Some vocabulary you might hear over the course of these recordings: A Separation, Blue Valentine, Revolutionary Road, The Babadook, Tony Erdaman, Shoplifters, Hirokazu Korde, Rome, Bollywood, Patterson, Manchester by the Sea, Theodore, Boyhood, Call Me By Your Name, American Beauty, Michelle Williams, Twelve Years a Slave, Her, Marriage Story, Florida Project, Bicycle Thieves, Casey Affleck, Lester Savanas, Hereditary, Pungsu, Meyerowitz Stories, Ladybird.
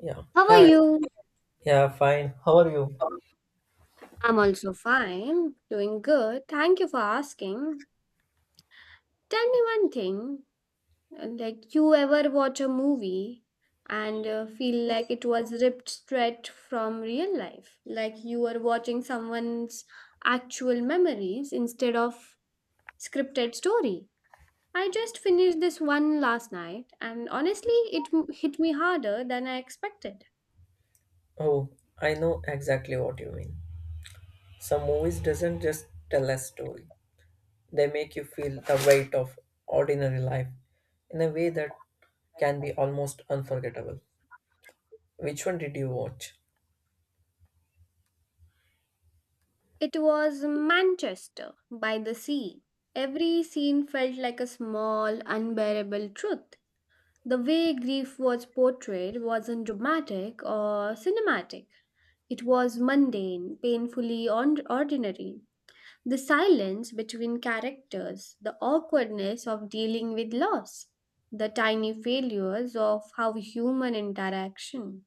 Yeah. How are Hi. you? Yeah, fine. How are you? I'm also fine, doing good. Thank you for asking. Tell me one thing, like you ever watch a movie and feel like it was ripped straight from real life, like you are watching someone's actual memories instead of scripted story. I just finished this one last night and honestly it hit me harder than I expected. Oh, I know exactly what you mean. Some movies doesn't just tell a story. They make you feel the weight of ordinary life in a way that can be almost unforgettable. Which one did you watch? It was Manchester by the Sea. Every scene felt like a small, unbearable truth. The way grief was portrayed wasn't dramatic or cinematic. It was mundane, ordinary. The silence between characters, the awkwardness of dealing with loss, the tiny failures of how human interaction.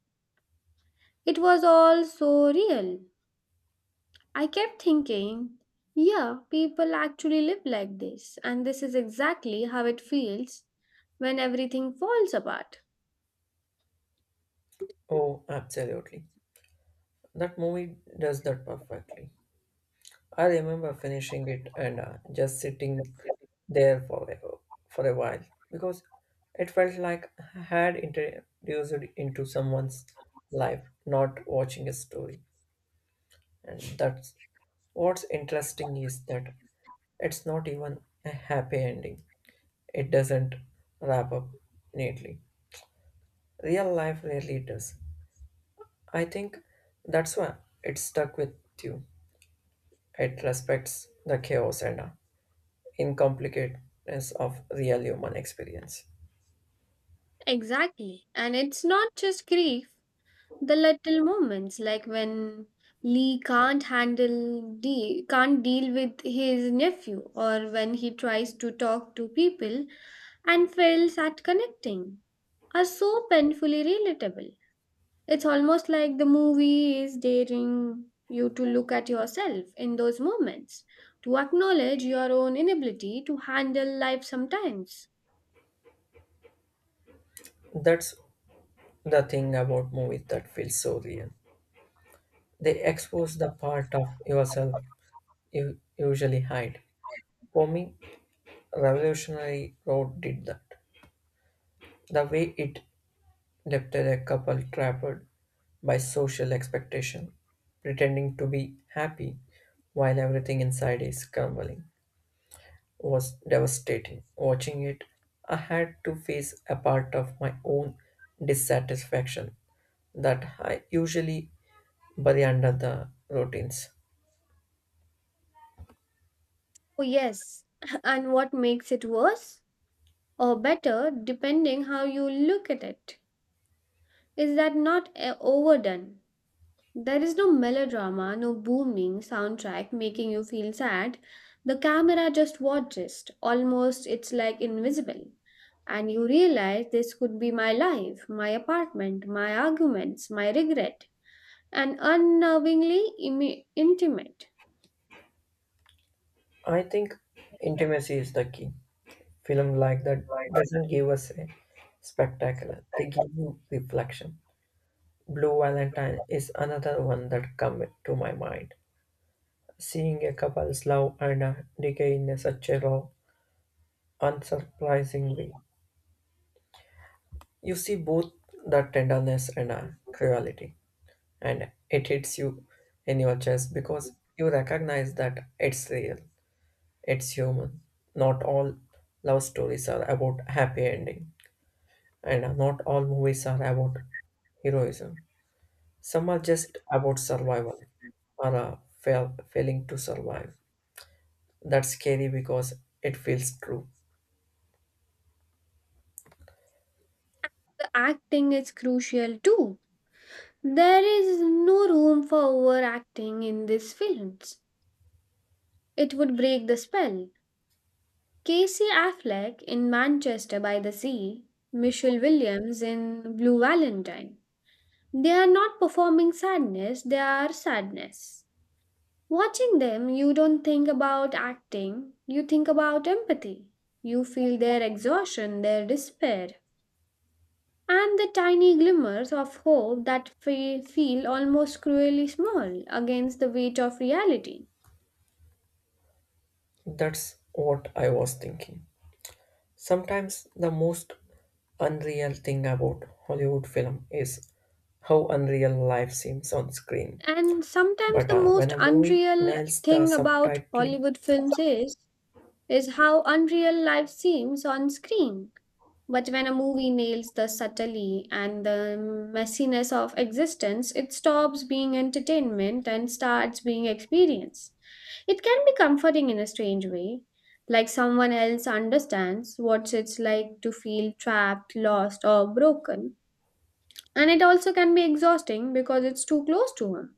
It was all so real, I kept thinking, yeah, people actually live like this, and this is exactly how it feels when everything falls apart. Oh, absolutely. That movie does that perfectly. I remember finishing it and just sitting there for a while because it felt like I had introduced it into someone's life, not watching a story. And that's what's interesting is that it's not even a happy ending. It doesn't wrap up neatly. Real life rarely does. I think that's why it stuck with you. It respects the chaos and incompleteness of real human experience. Exactly. And it's not just grief, the little moments like when Lee can't handle de- can't deal with his nephew or when he tries to talk to people and fails at connecting are so painfully relatable. It's almost like the movie is daring you to look at yourself in those moments, to acknowledge your own inability to handle life sometimes. That's the thing about movies that feels so real. They expose the part of yourself you usually hide. For me, Revolutionary Road did that. The way it depicted a couple trapped by social expectation, pretending to be happy while everything inside is crumbling, was devastating. Watching it, I had to face a part of my own dissatisfaction that I usually by the end of the routines. Oh, yes, and what makes it worse or better, depending how you look at it, is that not overdone. There is no melodrama, no booming soundtrack making you feel sad. The camera just watches, almost it's like invisible. And you realize this could be my life, my apartment, my arguments, my regret, and intimate. I think intimacy is the key. Film like that doesn't give us a spectacular. They give you reflection. Blue Valentine is another one that come to my mind. Seeing a couple's love and decay in a such a raw, unsurprising way. You see both the tenderness and cruelty, and it hits you in your chest because you recognize that it's real. It's human. Not all love stories are about happy ending, and not all movies are about heroism. Some are just about survival or failing to survive. That's scary because it feels true. The acting is crucial too. There is no room for overacting in these films. It would break the spell. Casey Affleck in Manchester by the Sea, Michelle Williams in Blue Valentine. They are not performing sadness, they are sadness. Watching them, you don't think about acting, you think about empathy. You feel their exhaustion, their despair, and the tiny glimmers of hope that feel almost cruelly small against the weight of reality. That's what I was thinking. Sometimes the most unreal thing about Hollywood film is how unreal life seems on screen. And sometimes But the uh, when most a movie unreal nails the thing about subtitle. Hollywood films is how unreal life seems on screen. But when a movie nails the subtlety and the messiness of existence, it stops being entertainment and starts being experience. It can be comforting in a strange way, like someone else understands what it's like to feel trapped, lost, or broken. And it also can be exhausting because it's too close to him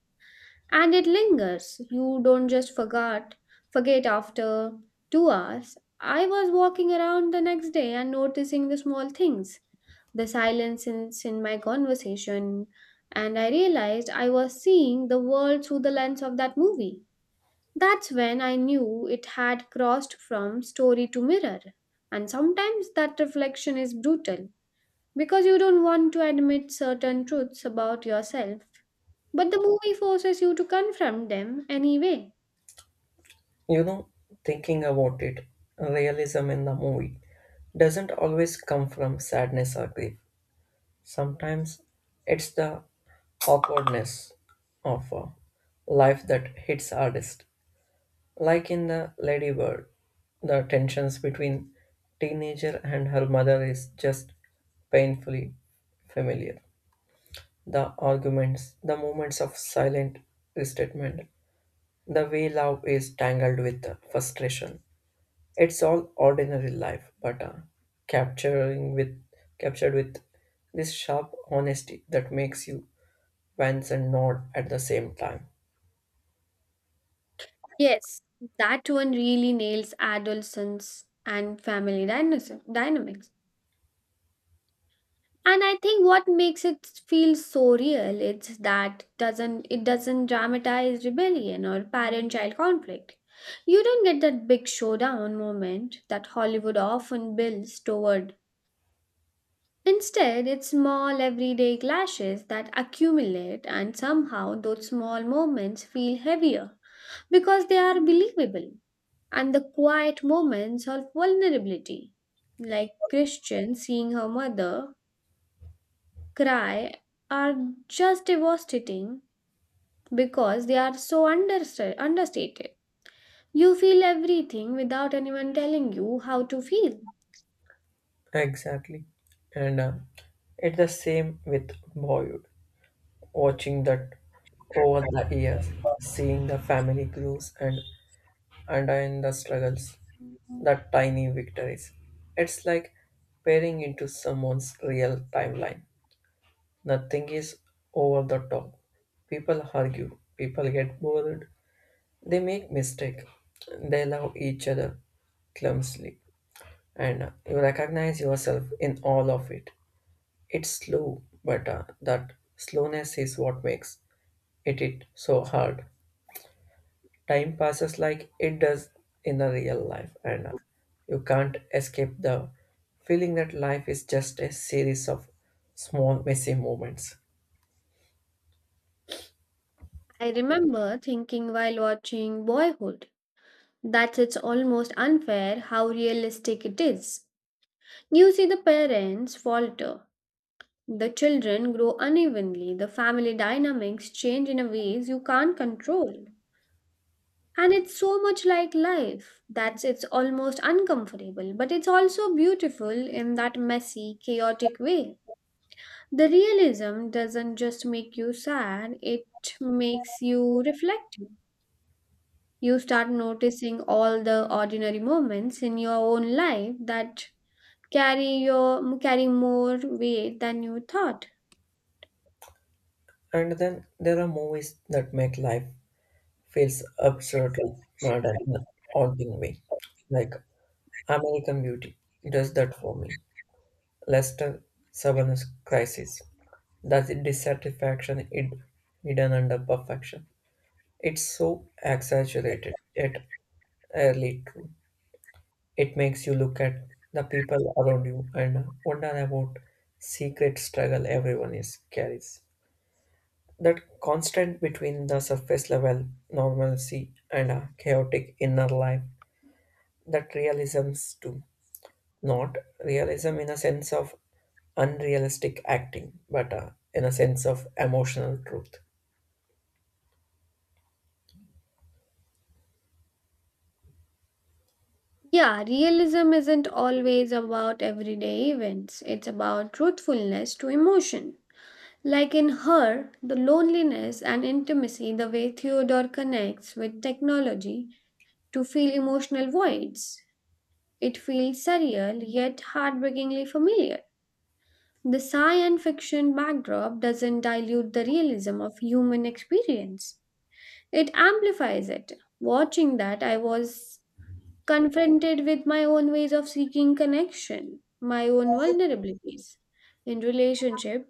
and it lingers, you don't just forget after 2 hours. I was walking around the next day and noticing the small things, the silences in my conversation, and I realized I was seeing the world through the lens of that movie. That's when I knew it had crossed from story to mirror, and sometimes that reflection is brutal because you don't want to admit certain truths about yourself. But the movie forces you to confront them anyway. You know, thinking about it, realism in the movie doesn't always come from sadness or grief. Sometimes it's the awkwardness of life that hits hardest. Like in the Ladybird, the tensions between teenager and her mother is just painfully familiar. The arguments, the moments of silent resentment, the way love is tangled with the frustration. It's all ordinary life, but capturing with captured with this sharp honesty that makes you wince and nod at the same time. Yes, that one really nails adolescence and dynamics. And I think what makes it feel so real is that doesn't dramatize rebellion or parent-child conflict. You don't get that big showdown moment that Hollywood often builds toward. Instead, it's small everyday clashes that accumulate, and somehow those small moments feel heavier because they are believable. And the quiet moments of vulnerability, like Christian seeing her mother cry, are just devastating because they are so understated. You feel everything without anyone telling you how to feel. Exactly, and it's the same with Bollywood. Watching that over the years, seeing the family grows and understand the struggles, the tiny victories. It's like peering into someone's real timeline. Nothing is over the top. People argue, people get bored, they make mistake, they love each other clumsily, and you recognize yourself in all of it. It's slow, but that slowness is what makes it so hard. Time passes like it does in the real life, and you can't escape the feeling that life is just a series of small messy moments. I remember thinking while watching Boyhood that's it's almost unfair how realistic it is. You see the parents falter, the children grow unevenly, the family dynamics change in a ways you can't control. And it's so much like life. That's it's almost uncomfortable, but it's also beautiful in that messy, chaotic way. The realism doesn't just make you sad, it makes you reflective. You start noticing all the ordinary moments in your own life that carry more weight than you thought. And then there are movies that make life feels absurdly modern in a haunting way, like American Beauty does that for me. Lester Savanas Crisis does the dissatisfaction hidden under perfection. It's so exaggerated yet early true. It makes you look at the people around you and wonder about secret struggle everyone is carries. That constant between the surface level normalcy and a chaotic inner life, that realisms too. Not realism in a sense of unrealistic acting, but in a sense of emotional truth. Yeah, realism isn't always about everyday events. It's about truthfulness to emotion. Like in her, the loneliness and intimacy, the way Theodore connects with technology to fill emotional voids. It feels surreal yet heartbreakingly familiar. The science fiction backdrop doesn't dilute the realism of human experience. It amplifies it. Watching that, I was confronted with my own ways of seeking connection, my own vulnerabilities in relationship,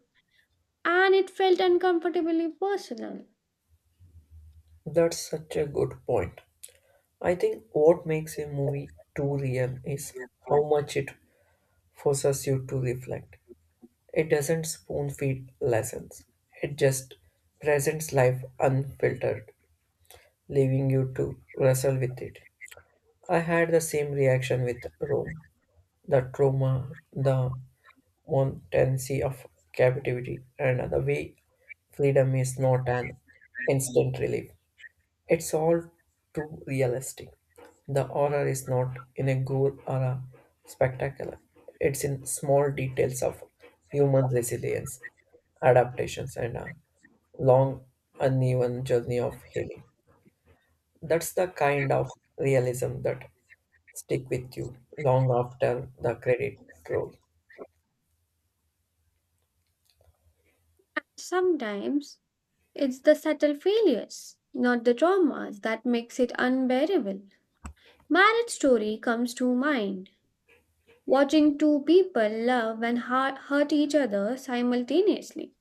and it felt uncomfortably personal. That's such a good point. I think what makes a movie too real is how much it forces you to reflect. It doesn't spoon feed lessons, it just presents life unfiltered, leaving you to wrestle with it. I had the same reaction with Rome, the trauma, the montancy of captivity, and the way freedom is not an instant relief. It's all too realistic. The horror is not in a gore or a spectacle. It's in small details of human resilience, adaptations, and a long, uneven journey of healing. That's the kind of realism that stick with you long after the credit roll. Sometimes it's the subtle failures, not the traumas, that makes it unbearable. Marriage Story comes to mind. Watching two people love and hurt each other simultaneously.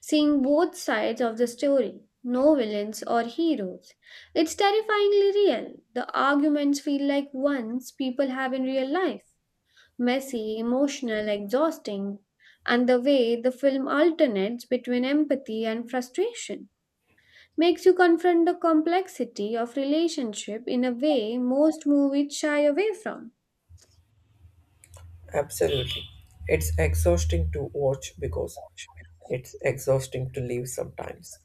Seeing both sides of the story, no villains or heroes. It's terrifyingly real. The arguments feel like ones people have in real life, messy, emotional, exhausting. And the way the film alternates between empathy and frustration makes you confront the complexity of relationship in a way most movies shy away from. Absolutely. It's exhausting to watch because it's exhausting to live sometimes.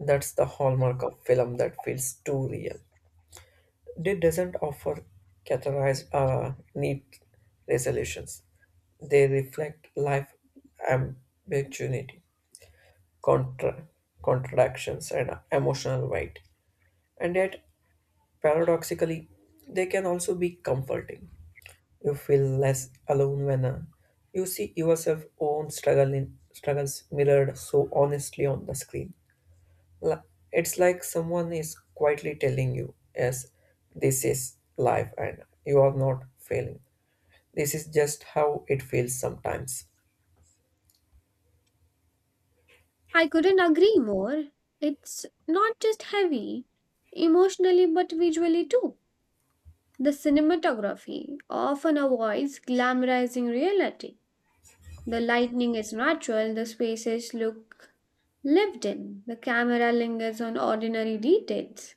That's the hallmark of film that feels too real. They doesn't offer categorized neat resolutions. They reflect life ambiguity, contra- contradictions, and emotional weight. And yet, paradoxically, they can also be comforting. You feel less alone when you see yourself own struggles mirrored so honestly on the screen. Li- It's like someone is quietly telling you, yes, this is life and you are not failing. This is just how it feels sometimes. I couldn't agree more. It's not just heavy, emotionally but visually too. The cinematography often avoids glamorizing reality. The lighting is natural, the spaces look lived in, the camera lingers on ordinary details.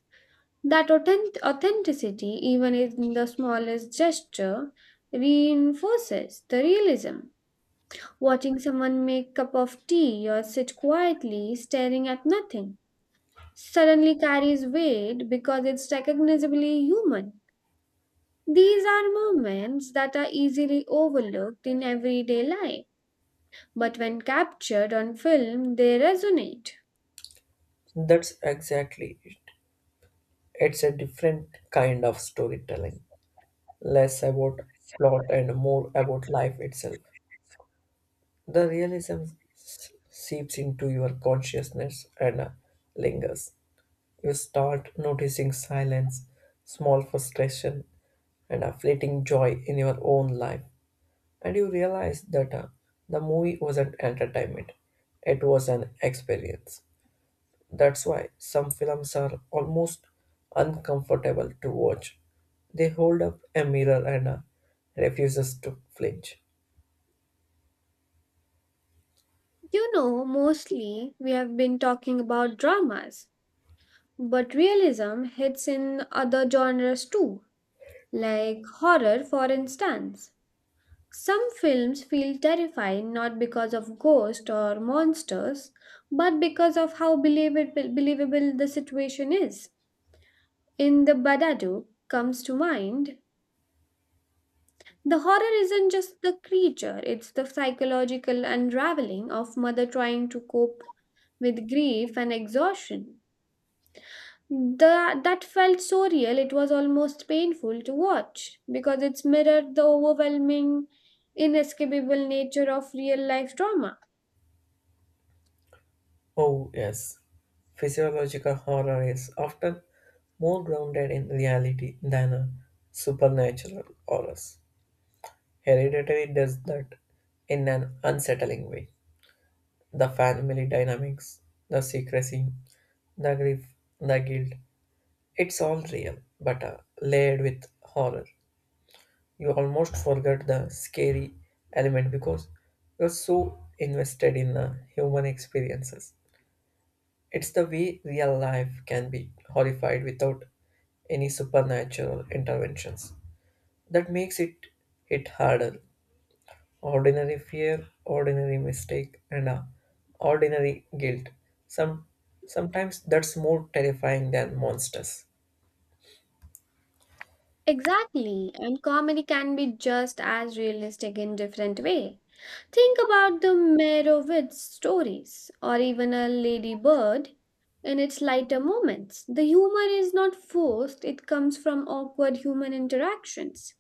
That authenticity, even in the smallest gesture, reinforces the realism. Watching someone make cup of tea or sit quietly staring at nothing suddenly carries weight because it's recognizably human. These are moments that are easily overlooked in everyday life, but when captured on film, they resonate. That's exactly it. It's a different kind of storytelling, less about plot and more about life itself. The realism seeps into your consciousness and lingers. You start noticing silence, small frustration, and a fleeting joy in your own life. And you realize that the movie wasn't entertainment, it was an experience. That's why some films are almost uncomfortable to watch. They hold up a mirror and refuses to flinch. You know, mostly we have been talking about dramas, but realism hits in other genres too, like horror, for instance. Some films feel terrifying not because of ghosts or monsters, but because of how believable the situation is. In The Babadook comes to mind. The horror isn't just the creature, it's the psychological unraveling of mother trying to cope with grief and exhaustion. The, that felt so real it was almost painful to watch because it's mirrored the overwhelming, inescapable nature of real life trauma. Oh, yes. Physiological horror is often more grounded in reality than a supernatural horrors. Hereditary does that in an unsettling way. The family dynamics, the secrecy, the grief, the guilt, it's all real, but layered with horror. You almost forget the scary element because you're so invested in the human experiences. It's the way real life can be horrified without any supernatural interventions. That makes it hit harder. Ordinary fear, ordinary mistake, and ordinary guilt. Some Sometimes that's more terrifying than monsters. Exactly, and comedy can be just as realistic in different way. Think about the Meyerowitz Stories or even a Ladybird, in its lighter moments. The humor is not forced, it comes from awkward human interactions,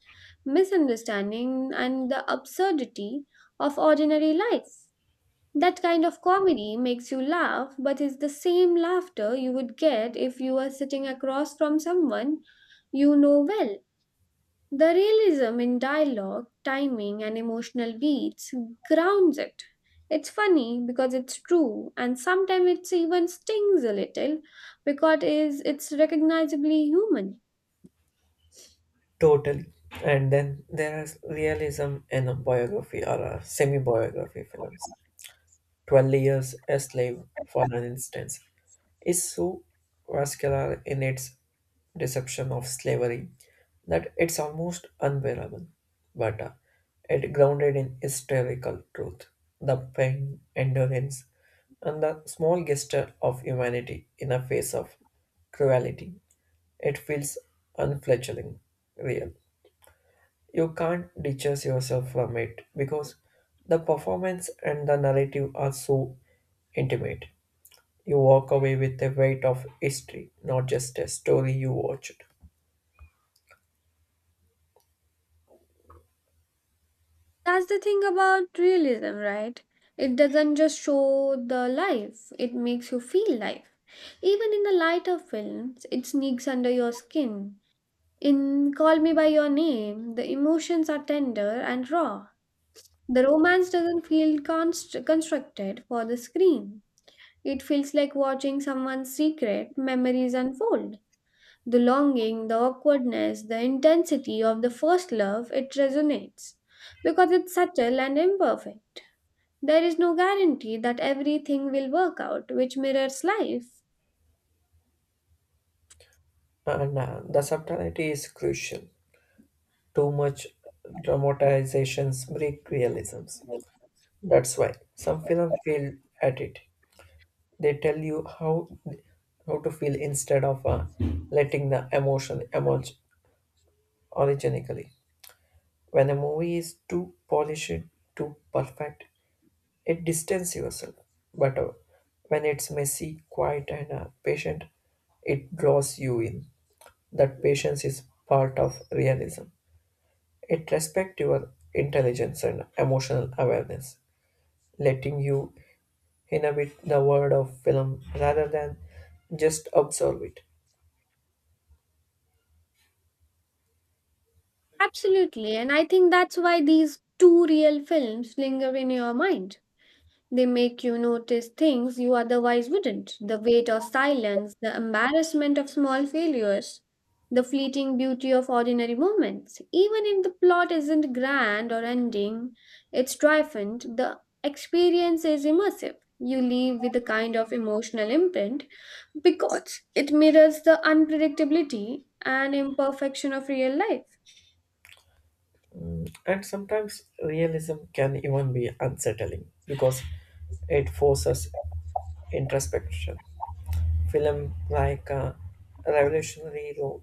misunderstanding and the absurdity of ordinary life. That kind of comedy makes you laugh, but is the same laughter you would get if you were sitting across from someone you know well. The realism in dialogue, timing, and emotional beats grounds it. It's funny because it's true, and sometimes it even stings a little because it's recognizably human. Totally. And then there is realism in a biography or a semi-biography films. 12 Years a Slave, for an instance, is so vascular in its deception of slavery that it's almost unbearable, but it grounded in historical truth, the pain, endurance, and the small gesture of humanity in a face of cruelty. It feels unfledgling, real. You can't detach yourself from it because the performance and the narrative are so intimate. You walk away with the weight of history, not just a story you watched. That's the thing about realism, right? It doesn't just show the life, it makes you feel life. Even in the lighter films, it sneaks under your skin. In Call Me By Your Name, the emotions are tender and raw. The romance doesn't feel constructed for the screen. It feels like watching someone's secret memories unfold. The longing, the awkwardness, the intensity of the first love, it resonates. Because it's subtle and imperfect. There is no guarantee that everything will work out, which mirrors life. And the subtlety is crucial. Too much dramatizations break realisms. That's why some films fail at it. They tell you how to feel instead of letting the emotion emerge originally. When a movie is too polished, too perfect, it distances yourself. But when it's messy, quiet, and patient, it draws you in. That patience is part of realism. It respects your intelligence and emotional awareness, letting you inhabit the world of film rather than just observe it. Absolutely, and I think that's why these two real films linger in your mind. They make you notice things you otherwise wouldn't, the weight of silence, the embarrassment of small failures, the fleeting beauty of ordinary moments. Even if the plot isn't grand or ending, it's triumphant, the experience is immersive. You leave with a kind of emotional imprint because it mirrors the unpredictability and imperfection of real life. And sometimes realism can even be unsettling because it forces introspection. Film like a revolutionary role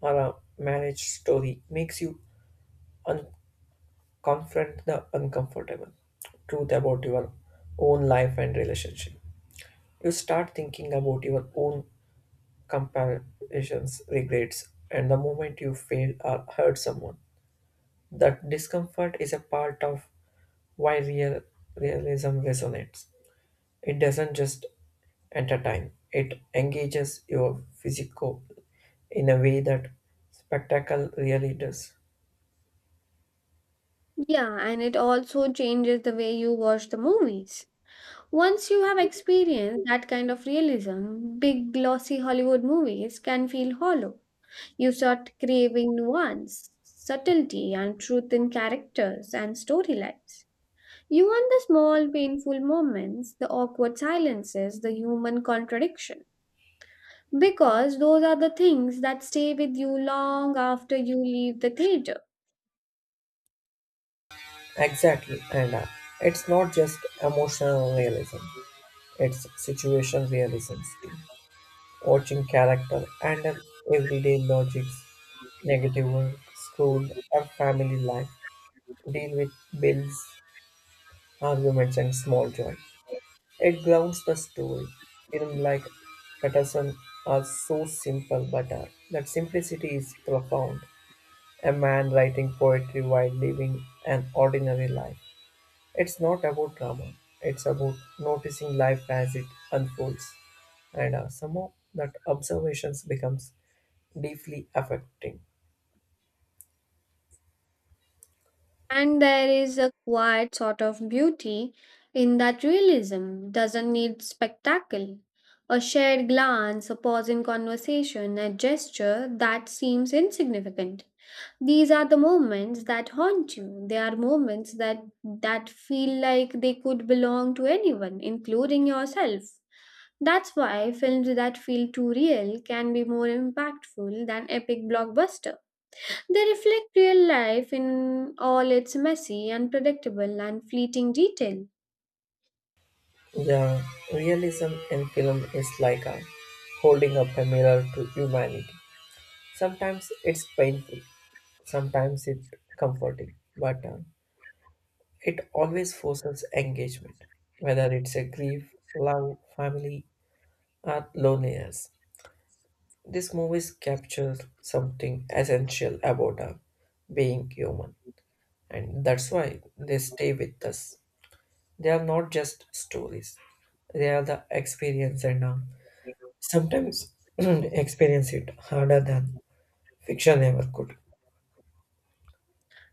or a marriage story makes you un- confront the uncomfortable truth about your own life and relationship. You start thinking about your own comparisons, regrets, and the moment you failed or hurt someone. That discomfort is a part of why realism resonates. It doesn't just entertain, it engages your physical in a way that spectacle really does. Yeah, and it also changes the way you watch the movies. Once you have experienced that kind of realism, big glossy Hollywood movies can feel hollow. You start craving nuance, subtlety, and truth in characters and storylines. You want the small, painful moments, the awkward silences, the human contradiction. Because those are the things that stay with you long after you leave the theater. Exactly, and it's not just emotional realism, it's situation realism too. Watching character handle everyday logics, negative work, school, or family life, deal with bills, arguments, and small joy. It grounds the story. Film like Patterson are so simple, but that simplicity is profound. A man writing poetry while living an ordinary life. It's not about drama. It's about noticing life as it unfolds, and somehow that observations becomes deeply affecting. And there is a quiet sort of beauty in that realism doesn't need spectacle. A shared glance, a pause in conversation, a gesture that seems insignificant. These are the moments that haunt you. They are moments that feel like they could belong to anyone, including yourself. That's why films that feel too real can be more impactful than epic blockbuster. They reflect real life in all its messy, unpredictable, and fleeting detail. Yeah, realism in film is like a holding up a mirror to humanity. Sometimes it's painful, sometimes it's comforting, but it always forces engagement, whether it's a grief, love, family, or loneliness. These movies capture something essential about being human, and that's why they stay with us. They are not just stories; they are the experience and sometimes experience it harder than fiction ever could.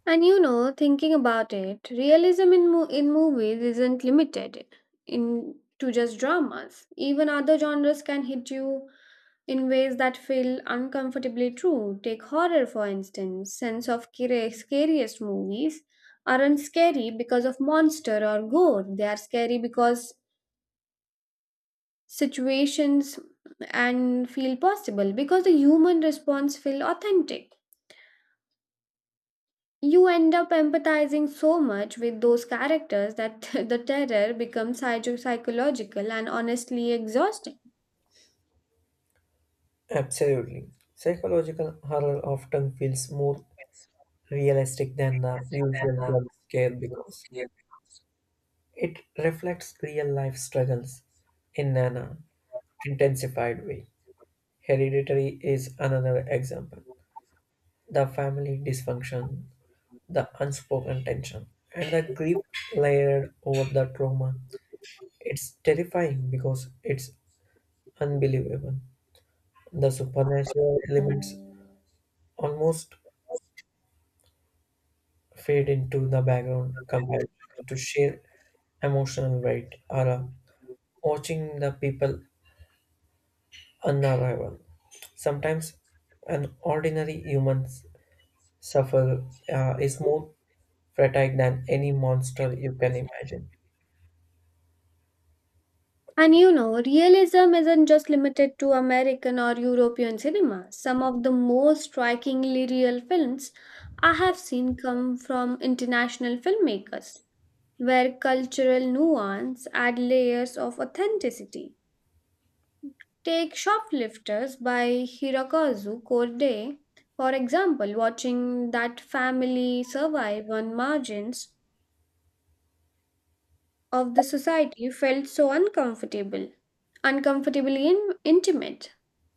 And you know, thinking about it, realism in movies isn't limited in to just dramas. Even other genres can hit you in ways that feel uncomfortably true. Take horror, for instance. Scariest movies aren't scary because of monster or gore. They are scary because situations and feel possible because the human response feel authentic, you end up empathizing so much with those characters that the terror becomes psychological and honestly exhausting. Absolutely. Psychological horror often feels more realistic than the usual jump scare because it reflects real life struggles in an intensified way. Hereditary is another example. The family dysfunction, the unspoken tension, and the grief layered over the trauma. It's terrifying because it's unbelievable. The supernatural elements almost fade into the background compared to sheer emotional weight or watching the people unravel. Sometimes an ordinary human suffer is more fatigued than any monster you can imagine. And you know realism isn't just limited to American or European cinema. Some of the most strikingly real films I have seen come from international filmmakers where cultural nuance add layers of authenticity. Take Shoplifters by Hirokazu Korde, for example, watching that family survive on margins of the society felt so uncomfortably intimate.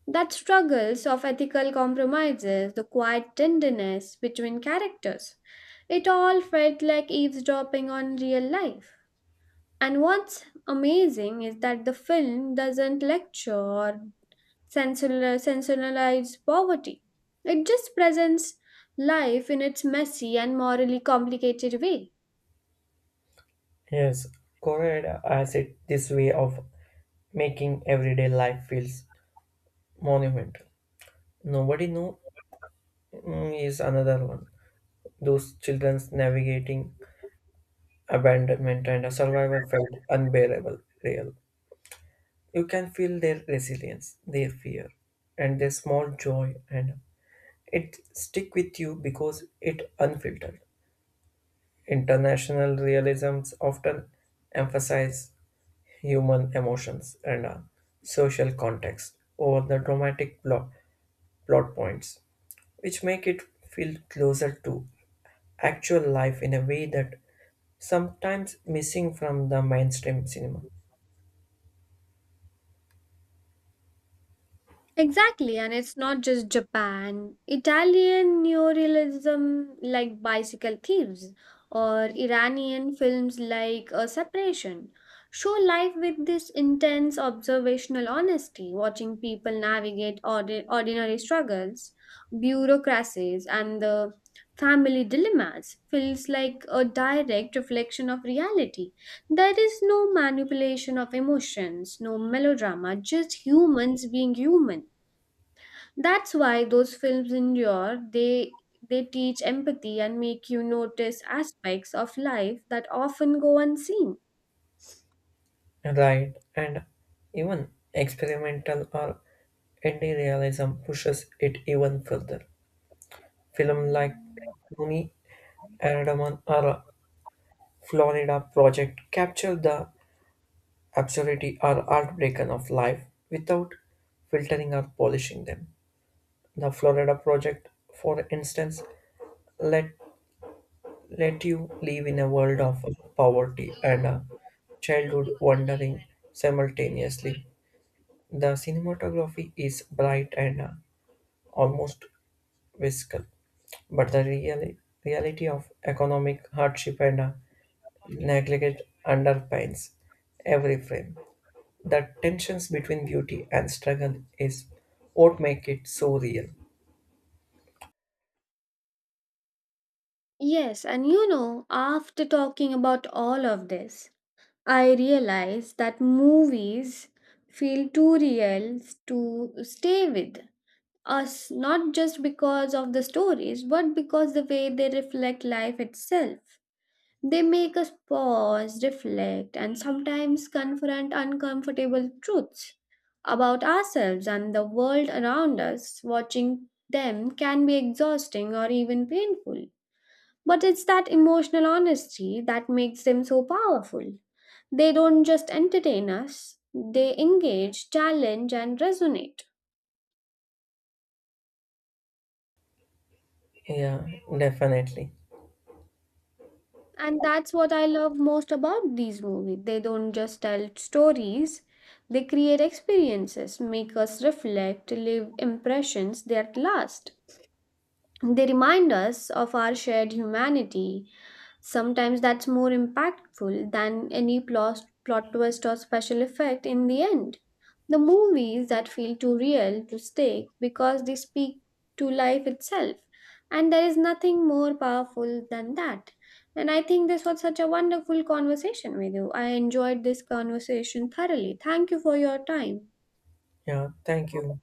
That struggles of ethical compromises, the quiet tenderness between characters, it all felt like eavesdropping on real life. And what's amazing is that the film doesn't lecture or sensationalized poverty. It just presents life in its messy and morally complicated way. Yes, Korea has it this way of making everyday life feels monumental. Nobody know is another one. Those children's navigating abandonment and a survivor felt unbearable real. You can feel their resilience, their fear, and their small joy, and it stick with you because it unfiltered. International realisms often emphasize human emotions and a social context over the dramatic plot points, which make it feel closer to actual life in a way that sometimes missing from the mainstream cinema. Exactly, and it's not just Japan. Italian neorealism like Bicycle Thieves or Iranian films like A Separation show life with this intense observational honesty, watching people navigate ordinary struggles, bureaucracies, and the family dilemmas feels like a direct reflection of reality. There is no manipulation of emotions, no melodrama, just humans being human. That's why those films endure. They teach empathy and make you notice aspects of life that often go unseen. Right, and even experimental or indie realism pushes it even further. Film like Tony Erdaman or Florida Project capture the absurdity or heartbreak of life without filtering or polishing them. The Florida Project, for instance, let let you live in a world of poverty and childhood wandering simultaneously. The cinematography is bright and almost whimsical, but reality of economic hardship and neglect underpins every frame. The tensions between beauty and struggle is what make it so real. Yes, and you know, after talking about all of this, I realized that movies feel too real to stay with us, not just because of the stories, but because the way they reflect life itself. They make us pause, reflect, and sometimes confront uncomfortable truths about ourselves and the world around us. Watching them can be exhausting or even painful. But it's that emotional honesty that makes them so powerful. They don't just entertain us, they engage, challenge, and resonate. Yeah, definitely. And that's what I love most about these movies. They don't just tell stories, they create experiences, make us reflect, leave impressions that last. They remind us of our shared humanity. Sometimes that's more impactful than any plot twist or special effect in the end. The movies that feel too real to stake because they speak to life itself. And there is nothing more powerful than that. And I think this was such a wonderful conversation with you. I enjoyed this conversation thoroughly. Thank you for your time. Yeah, thank you.